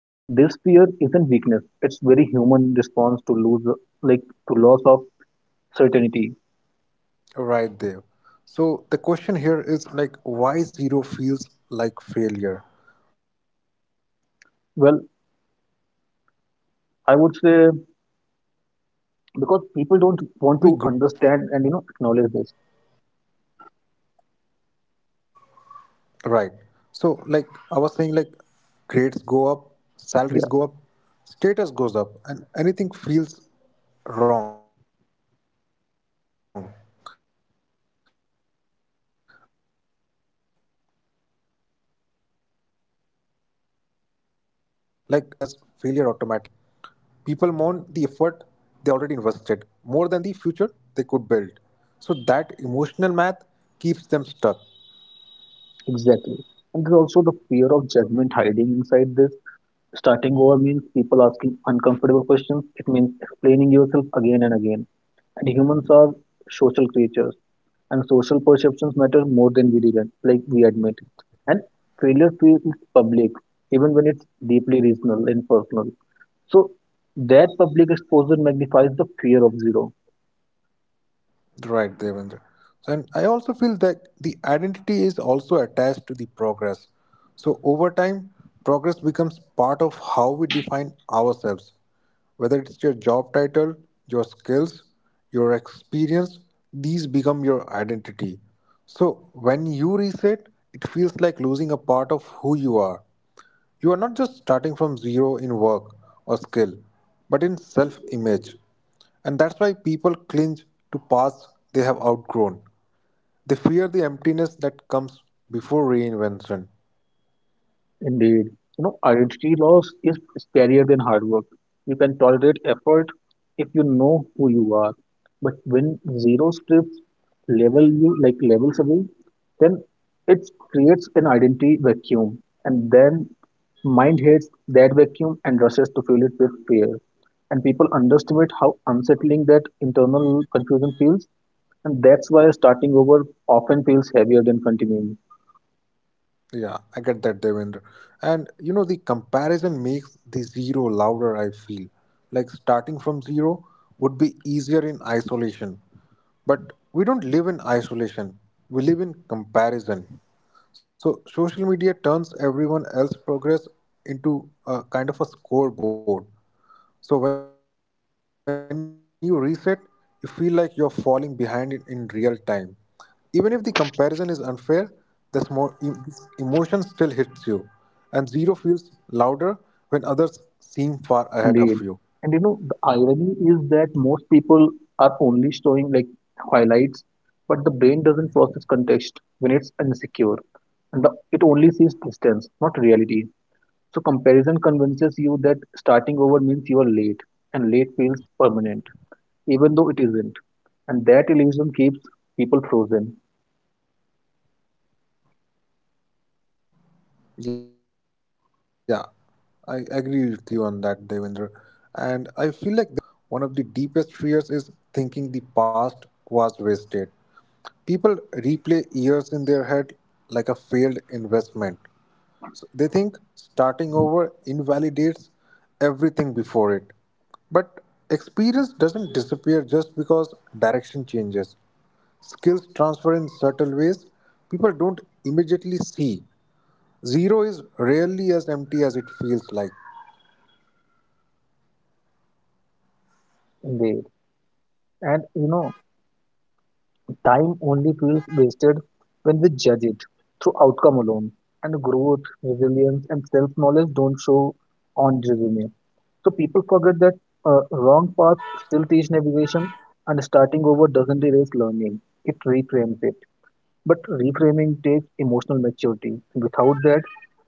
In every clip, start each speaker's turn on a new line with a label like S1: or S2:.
S1: And this fear isn't weakness, it's very human response to lose like to loss of certainty.
S2: Right there. So, the question here is like, why zero feels like failure? We grow up learning
S1: Well,
S2: that progress must always be
S1: I would
S2: linear.
S1: say because people don't want to understand and, you know, acknowledge this.
S2: Right. So, like I was saying, like grades go up, salaries go up, status
S1: Yeah,
S2: goes up, and anything feels wrong. Like, so when life forces are reset, the mind labels it as failure automatically. So, even if the previous path was suffocating, leaving it feels like losing. People mourn the effort they already invested more than the future they could build. So that emotional math keeps them stuck.
S1: exactly. And there's also the fear of judgment hiding inside this. Starting over means people asking uncomfortable questions. It means explaining yourself again and again. And humans are social creatures, and social perceptions matter more than we did, like we admit. And failure feels public, even when it's deeply regional and personal. So that public exposure magnifies the fear of zero.
S2: Right, Devendra. So, and I also feel that the identity is also attached to the progress. So, over time, progress becomes part of how we define ourselves, whether it's your job title, your skills, your experience, these become your identity. So, when you reset, it feels like losing a part of who you are. You are not just starting from zero in work or skill, but in self image. And that's why people cling to paths they have outgrown. They fear the emptiness that comes before reinvention.
S1: Indeed. You know, identity loss is scarier than hard work. You can tolerate effort if you know who you are. But when zero strips level you like levels away, then it creates an identity vacuum. And then mind hates that vacuum and rushes to fill it with fear. And people underestimate how unsettling that internal confusion feels. And that's why starting over often feels heavier than continuing.
S2: Yeah, I get that, Devendra. And the comparison makes the zero louder, I feel. Like starting from zero would be easier in isolation. But we don't live in isolation, we live in comparison. So social media turns everyone else's progress into a kind of a scoreboard. So when you reset, you feel like you're falling behind in, real time. Even if the comparison is unfair, the this emotion still hits you, and zero feels louder when others seem far ahead of you.
S1: Indeed. And you know, the irony is that most people are only showing like highlights, but the brain doesn't process context when it's insecure. It only sees distance, not reality. So comparison convinces you that starting over means you are late, and late feels permanent, even though it isn't. And that illusion keeps people frozen.
S2: Yeah, I agree with you on that, Devendra. And I feel like there is also a fear of wasted time here. Like, one of the deepest fears is thinking the past was wasted. People replay years in their head like a failed investment. So they think starting over invalidates everything before it. But experience doesn't disappear just because direction changes. Skills transfer in subtle ways people don't immediately see. Zero is rarely as empty as it feels like.
S1: Indeed. And you know, time only feels wasted when we judge it through outcome alone. And growth, resilience, and self knowledge don't show on resume. So people forget that wrong path still teach navigation, and starting over doesn't erase learning. It reframes it. But reframing takes emotional maturity. Without that,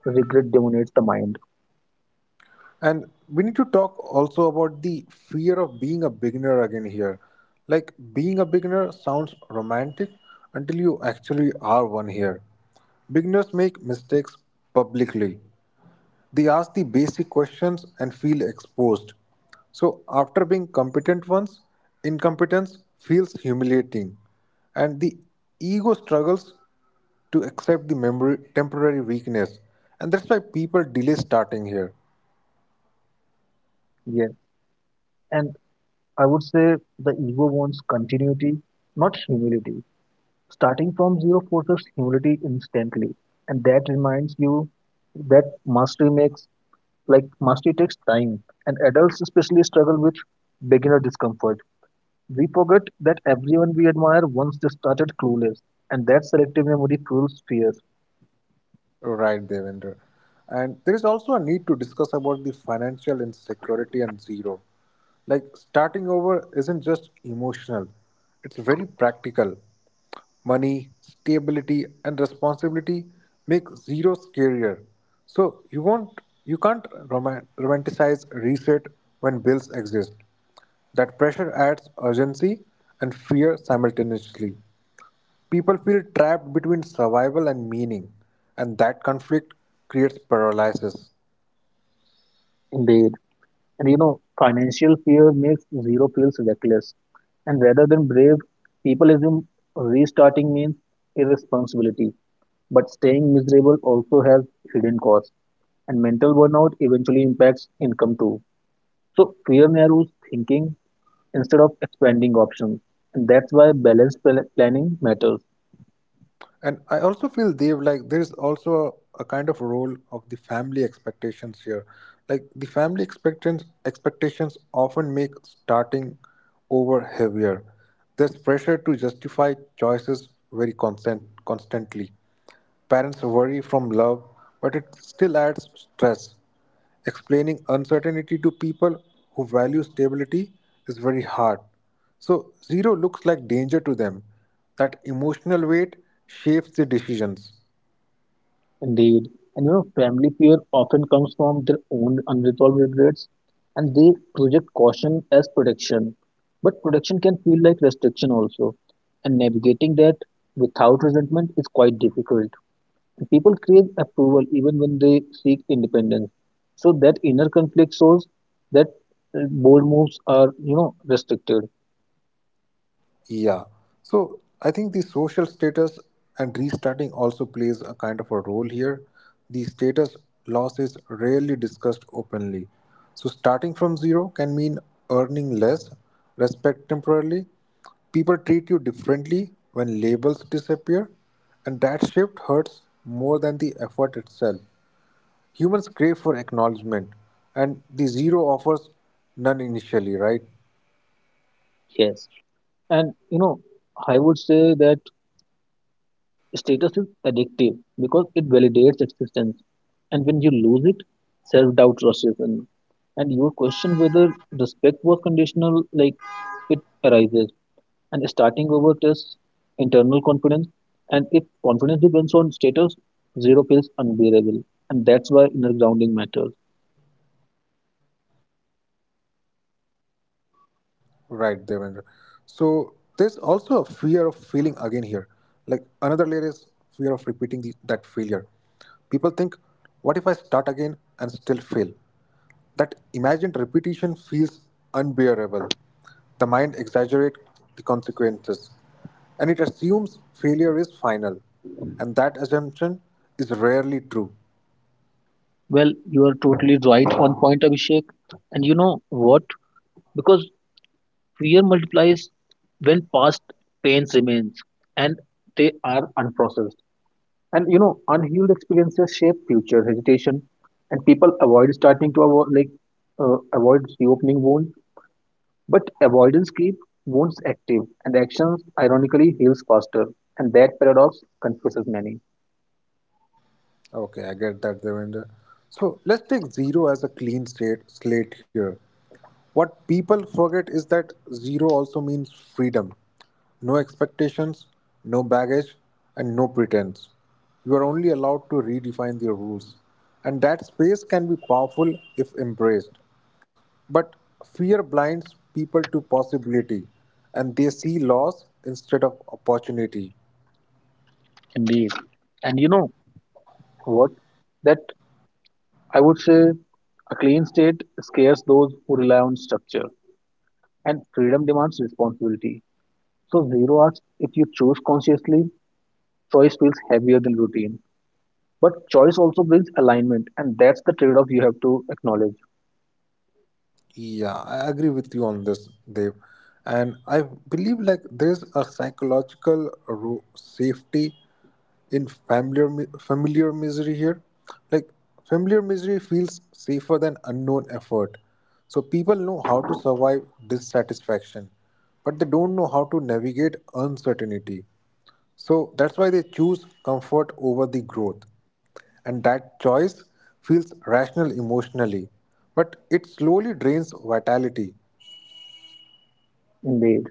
S1: regret dominates the mind.
S2: And we need to talk also about the fear of being a beginner again here. Like being a beginner sounds romantic until you actually are one here. Beginners make mistakes publicly. They ask the basic questions and feel exposed. So, after being competent once, incompetence feels humiliating, and the ego struggles to accept the memory, temporary weakness. And that's why people delay starting here.
S1: Yes, and I would say the ego wants continuity, not humility. Starting from zero forces humility instantly, and that reminds you that mastery makes like mastery takes time, and adults especially struggle with beginner discomfort. We forget that everyone we admire once they started clueless, and that selective memory fuels fear.
S2: Right, Devendra. And there is also a need to discuss about the financial insecurity and zero. Like starting over isn't just emotional, it's very practical. Money, stability, and responsibility make zero scarier. So you can't romanticize reset when bills exist. That pressure adds urgency and fear simultaneously. People feel trapped between survival and meaning, and that conflict creates paralysis.
S1: Indeed. And you know, financial fear makes zero feels reckless, and rather than brave, people assume restarting means irresponsibility. But staying miserable also has hidden costs, and mental burnout eventually impacts income too. So fear narrows thinking instead of expanding options, and that's why balanced planning matters.
S2: And I also feel, Dev, like there is also a kind of role of the family expectations here. Like the family expectations often make starting over heavier. There's pressure to justify choices very constantly. Parents worry from love, but it still adds stress. Explaining uncertainty to people who value stability is very hard. So, zero looks like danger to them. That emotional weight shapes the decisions.
S1: Indeed. And you know, family fear often comes from their own unresolved regrets, and they project caution as protection. But protection can feel like restriction also, and navigating that without resentment is quite difficult. People crave approval even when they seek independence. So that inner conflict shows that bold moves are, you know, restricted.
S2: Yeah. So I think the social status and restarting also plays a kind of a role here. The status loss is rarely discussed openly. So starting from zero can mean earning less, respect temporarily. People treat you differently when labels disappear, and that shift hurts more than the effort itself. Humans crave for acknowledgement, and the zero offers none initially, right?
S1: Yes. And you know, I would say that status is addictive because it validates existence. And when you lose it, self doubt rushes in. And you question whether respect was conditional, like it arises. And starting over tests internal confidence. And if confidence depends on status, zero feels unbearable. And that's why inner grounding matters.
S2: Right, Devendra. So there's also a fear of failing again here. Like another layer is fear of repeating that failure. People think, what if I start again and still fail? That imagined repetition feels unbearable. The mind exaggerates the consequences and it assumes failure is final, and that assumption is rarely true.
S1: Well, you are totally right on point, Abhishek. And you know what? Because fear multiplies when past pains remains and they are unprocessed. And you know, unhealed experiences shape future hesitation, and people avoid starting to avoid reopening wounds. But avoidance keeps wounds active, and actions ironically heals faster, and that paradox confuses many.
S2: Okay, I get that, Devendra. So let's take zero as a clean slate here. What people forget is that zero also means freedom. No expectations, no baggage, and no pretense. You are only allowed to redefine your rules. And that space can be powerful if embraced. But fear blinds people to possibility, and they see loss instead of opportunity.
S1: Indeed. And you know what? That I would say a clean state scares those who rely on structure, and freedom demands responsibility. So, zero asks if you choose consciously, choice feels heavier than routine. But choice also brings alignment, and that's the trade off you have to acknowledge.
S2: Yeah, I agree with you on this, Dev. And I believe like there's a psychological safety in familiar familiar misery here. Like familiar misery feels safer than unknown effort. So people know how to survive dissatisfaction, but they don't know how to navigate uncertainty. So that's why they choose comfort over the growth. And that choice feels rational emotionally, but it slowly drains vitality.
S1: Indeed.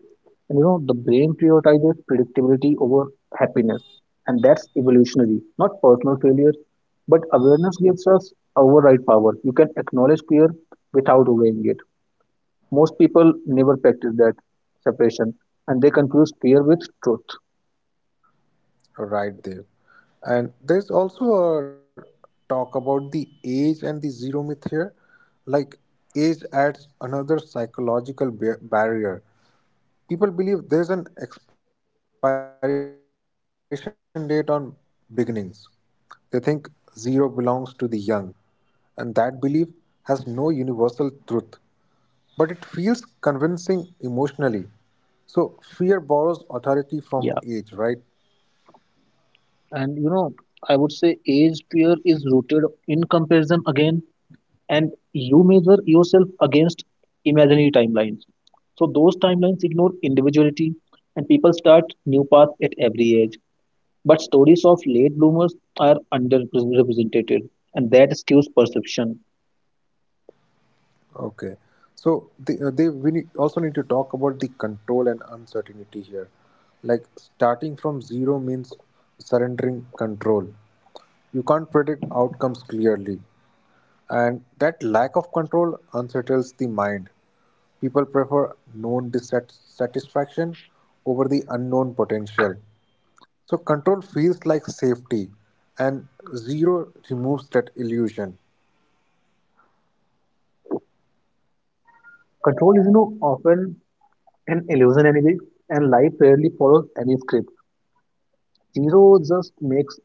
S1: And you know, the brain prioritizes predictability over happiness. And that's evolutionary, not personal failure. But awareness gives us override power. You can acknowledge fear without obeying it. Most people never practice that separation, and they confuse fear with truth.
S2: Right there. And there's also a talk about the age and the zero myth here. Like, age adds another psychological barrier. People believe there's an expiration date on beginnings. They think zero belongs to the young, and that belief has no universal truth. But it feels convincing emotionally. So fear borrows authority from age, right?
S1: Yeah. And you know, I would say age fear is rooted in comparison again, and you measure yourself against imaginary timelines. So those timelines ignore individuality, and people start new paths at every age. But stories of late bloomers are underrepresented, and that skews perception.
S2: Okay. So the, they we need, also need to talk about the control and uncertainty here. Like starting from zero means surrendering control. You can't predict outcomes clearly. And that lack of control unsettles the mind. People prefer known dissatisfaction over the unknown potential. So, control feels like safety, and zero removes that illusion.
S1: Control is, you know, often an illusion anyway, and life rarely follows any script. Zero just makes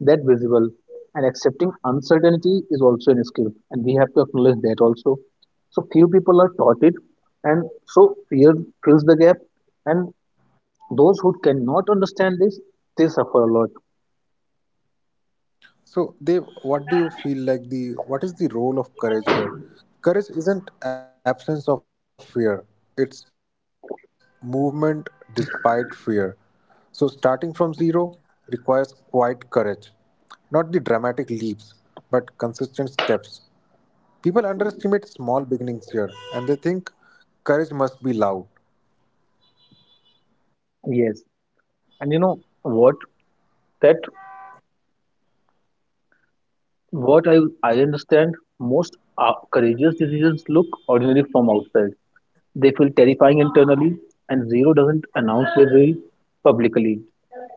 S1: that visible, and accepting uncertainty is also an skill, and we have to acknowledge that also. So few people are taught it, and so fear fills the gap, and those who cannot understand this, they suffer a lot.
S2: So, Dev, what do you feel like the what is the role of courage here? Courage isn't absence of fear; it's movement despite fear. So, starting from zero requires quiet courage, not the dramatic leaps, but consistent steps. People underestimate small beginnings here, and they think courage must be loud.
S1: Yes. And you know what? That what I understand, most courageous decisions look ordinary from outside. They feel terrifying internally, and zero doesn't announce their will publicly.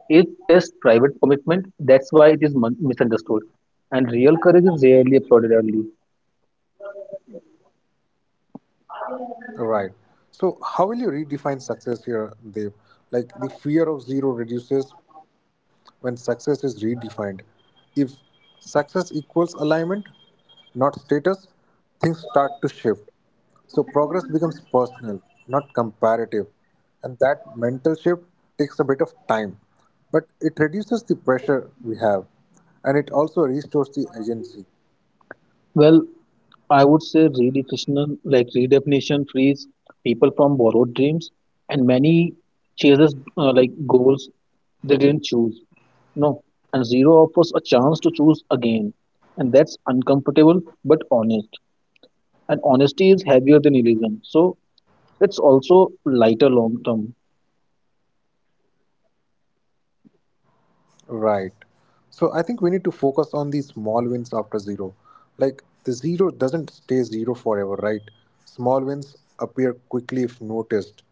S1: It tests private commitment. That's why it is misunderstood. And real courage is rarely applauded early.
S2: Right. So, how will you redefine success here, Dev? Like the fear of zero reduces when success is redefined. If success equals alignment, not status, things start to shift. So, progress becomes personal, not comparative. And that mental shift takes a bit of time, but it reduces the pressure we have and it also restores the agency.
S1: Well, I would say redefinition frees people from borrowed dreams, and many chases goals they didn't choose. No, and zero offers a chance to choose again, and that's uncomfortable but honest. And honesty is heavier than illusion, so it's also lighter long term.
S2: Right. So I think we need to focus on the small wins after zero. Like the zero doesn't stay zero forever, right? Small wins appear quickly if noticed,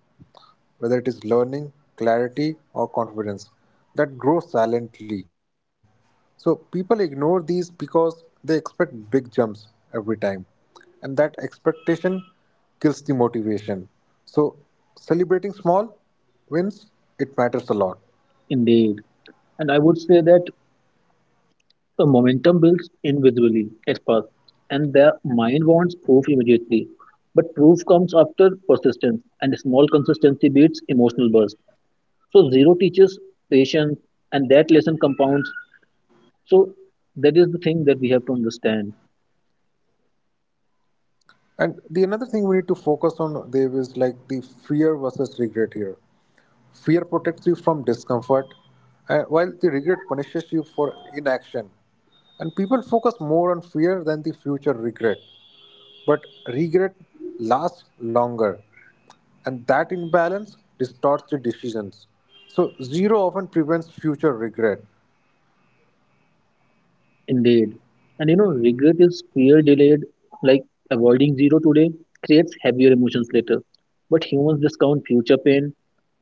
S2: whether it is learning, clarity, or confidence that grow silently. So people ignore these because they expect big jumps every time, and that expectation kills the motivation. So celebrating small wins, it matters a lot.
S1: Indeed. And I would say that the momentum builds invisibly at first, and the mind wants proof immediately. But proof comes after persistence, and small consistency beats emotional burst. So zero teaches patience, and that lesson compounds. So that is the thing that we have to understand.
S2: And the another thing we need to focus on, Dev, is like the fear versus regret here. Fear protects you from discomfort, while the regret punishes you for inaction. And people focus more on fear than the future regret. But regret lasts longer, and that imbalance distorts the decisions. So, zero often prevents future regret.
S1: Indeed. And you know, regret is fear delayed, like avoiding zero today creates heavier emotions later. But humans discount future pain,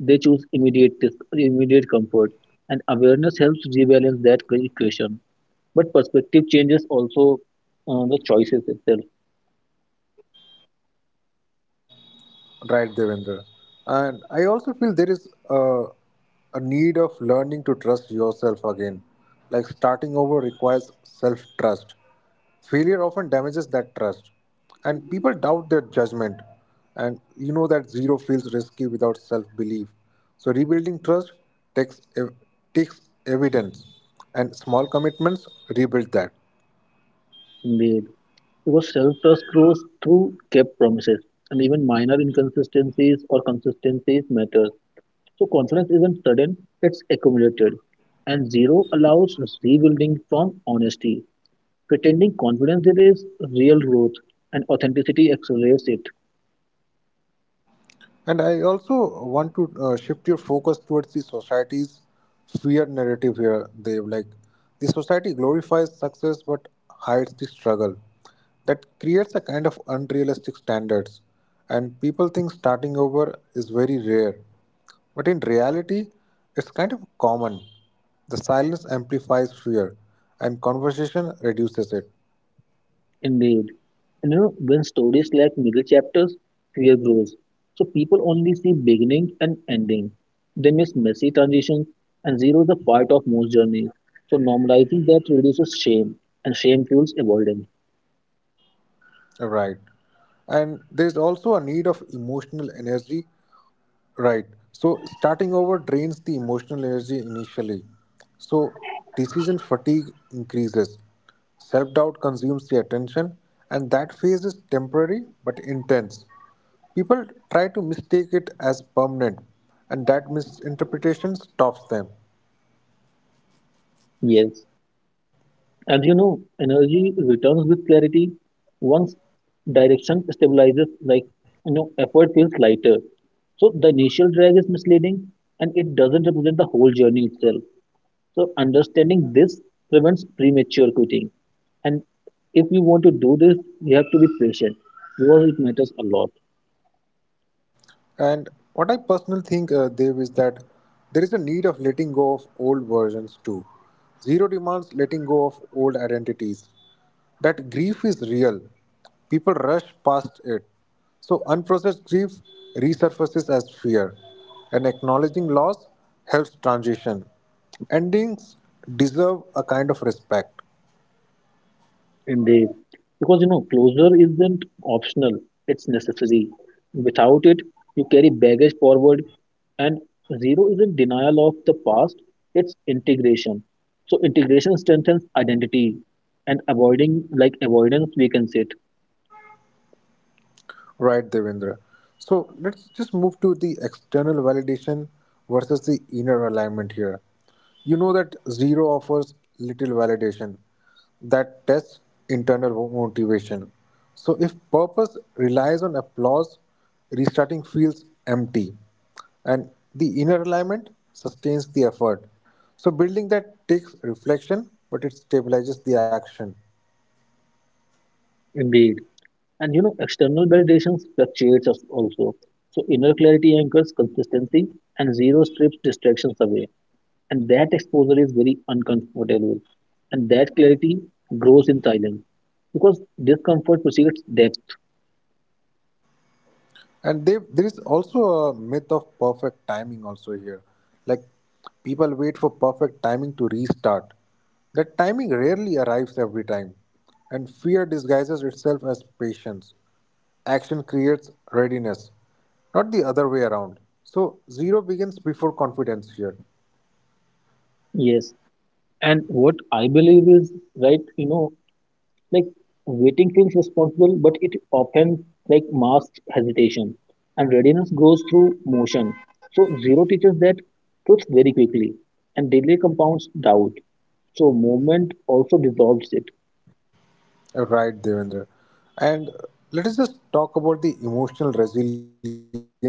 S1: they choose immediate comfort. And awareness helps rebalance that equation. But perspective changes also the choices itself.
S2: Right, Devendra. And I also feel there is a need of learning to trust yourself again. Like starting over requires self trust. Failure often damages that trust, and people doubt their judgment. And you know that zero feels risky without self belief. So rebuilding trust takes ev- takes evidence, and small commitments rebuild that.
S1: Indeed. Because self trust grows through kept promises. And even minor inconsistencies or consistencies matter. So confidence isn't sudden, it's accumulated. And zero allows rebuilding from honesty. Pretending confidence there is real growth, and authenticity accelerates it.
S2: And I also want to shift your focus towards the society's fear narrative here, Dev. Like, the society glorifies success but hides the struggle. That creates a kind of unrealistic standards, and people think starting over is very rare. But in reality, it's kind of common. The silence amplifies fear, and conversation reduces it.
S1: Indeed. And you know, when stories lack middle chapters, fear grows. So people only see beginning and ending. They miss messy transitions, and zero is a part of most journeys. So normalizing that reduces shame, and shame fuels avoidance.
S2: Right. And there's also a need of emotional energy. Right. So starting over drains the emotional energy initially. So decision fatigue increases. Self doubt consumes the attention, and that phase is temporary but intense. People try to mistake it as permanent, and that misinterpretation stops them.
S1: Yes. And you know, energy returns with clarity once direction stabilizes, like you know, effort feels lighter. So the initial drag is misleading, and it doesn't represent the whole journey itself. So understanding this prevents premature quitting. And if you want to do this, you have to be patient because it matters a lot.
S2: And what I personally think, Dev, is that there is a need of letting go of old versions too. Zero demands letting go of old identities. That grief is real. People rush past it. So unprocessed grief resurfaces as fear. And acknowledging loss helps transition. Endings deserve a kind of respect.
S1: Indeed. Because you know, closure isn't optional, it's necessary. Without it, you carry baggage forward, and zero isn't denial of the past, it's integration. So, integration strengthens identity, and avoiding, like avoidance weakens it.
S2: Right, Devendra. So let's just move to the external validation versus the inner alignment here. You know that zero offers little validation that tests internal motivation. So if purpose relies on applause, restarting feels empty. And the inner alignment sustains the effort. So building that takes reflection, but it stabilizes the action.
S1: Indeed. And you know, external validation fluctuates us also. So, inner clarity anchors consistency, and zero strips distractions away. And that exposure is very uncomfortable. And that clarity grows in silence because discomfort precedes depth.
S2: And there is also a myth of perfect timing also here. Like, people wait for perfect timing to restart. That timing rarely arrives every time, and fear disguises itself as patience. Action creates readiness, not the other way around. So zero begins before confidence here.
S1: Yes. And what I believe is right, you know, like waiting feels responsible, but it often like masks hesitation. And readiness grows through motion. So zero teaches that truth very quickly. And delay compounds doubt. So movement also dissolves it.
S2: Right, Devendra. And let us just talk about the emotional resilience also here.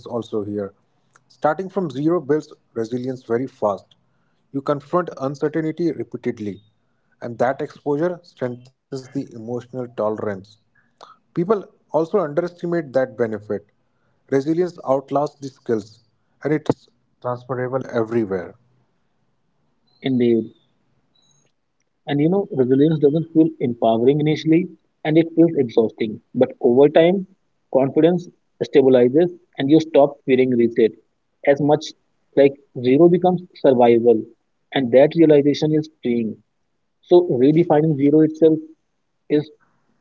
S2: Starting from zero builds resilience very fast. You confront uncertainty repeatedly, and that exposure strengthens the emotional tolerance. People also underestimate that benefit. Resilience outlasts the skills, and it's transferable everywhere.
S1: Indeed. And you know, resilience doesn't feel empowering initially, and it feels exhausting. But over time, confidence stabilizes, and you stop fearing reset as much. Like zero becomes survival, and that realization is freeing. So, redefining zero itself is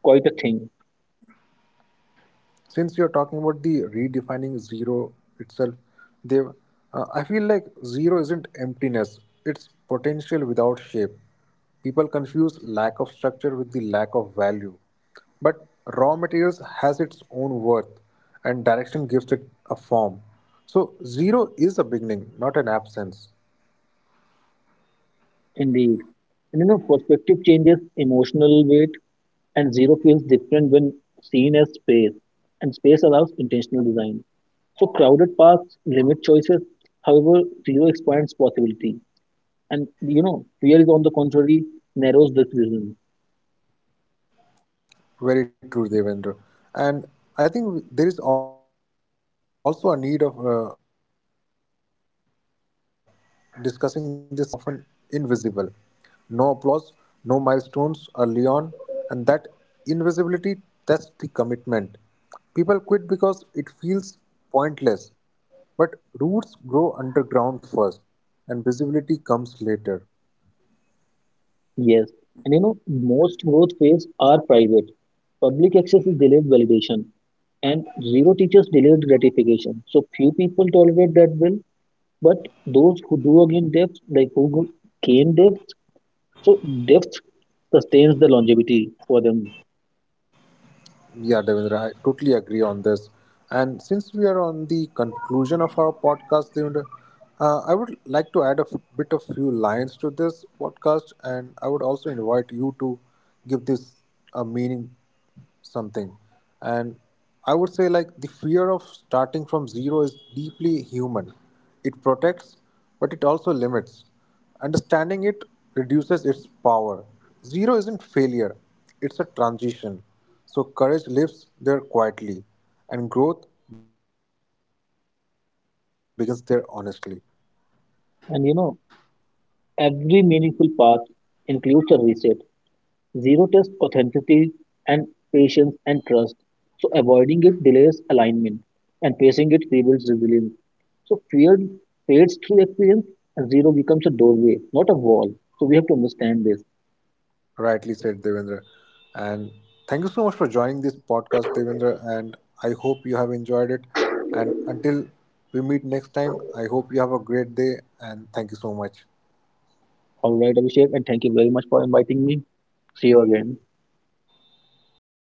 S1: quite a thing.
S2: Since you're talking about the redefining zero itself, they I feel like zero isn't emptiness, it's potential without shape. People confuse lack of structure with the lack of value. But raw materials has its own worth, and direction gives it a form. So zero is a beginning, not an absence.
S1: Indeed. And you know, perspective changes emotional weight, and zero feels different when seen as space, and space allows intentional design. So crowded paths limit choices. However, zero expands possibility. And you know, fear is on the contrary narrows decisions.
S2: Very true, Devendra. And I think there is also a need of discussing this quiet progress also here. The progress after zero is often invisible. No applause, no milestones early on, and that invisibility tests the commitment. People quit because it feels pointless, but roots grow underground first, and visibility comes later.
S1: Yes. And you know, most growth phase are private. Public access is delayed validation, and zero teachers delayed gratification. So few people tolerate that well, but those who do again depth, like who go- gain depth, so depth sustains the longevity for them.
S2: Yeah, Devendra, I totally agree on this. And since we are on the conclusion of our podcast, Devendra, I would like to add a bit of few lines to this podcast, and I would also invite you to give this a meaning something. And I would say, like, the fear of starting from zero is deeply human. It protects, but it also limits. Understanding it reduces its power. Zero isn't failure, it's a transition. So courage lives there quietly, and growth begins there honestly.
S1: And you know, every meaningful path includes a reset. Zero tests authenticity and patience and trust. So avoiding it delays alignment, and facing it rebuilds resilience. So fear fades through experience, and zero becomes a doorway, not a wall. So we have to understand this.
S2: Rightly said, Devendra. And thank you so much for joining this podcast, Devendra. And I hope you have enjoyed it. And until we meet next time, I hope you have a great day. And thank you so much.
S1: All right, Abhishek, and thank you very much for inviting me. See you again.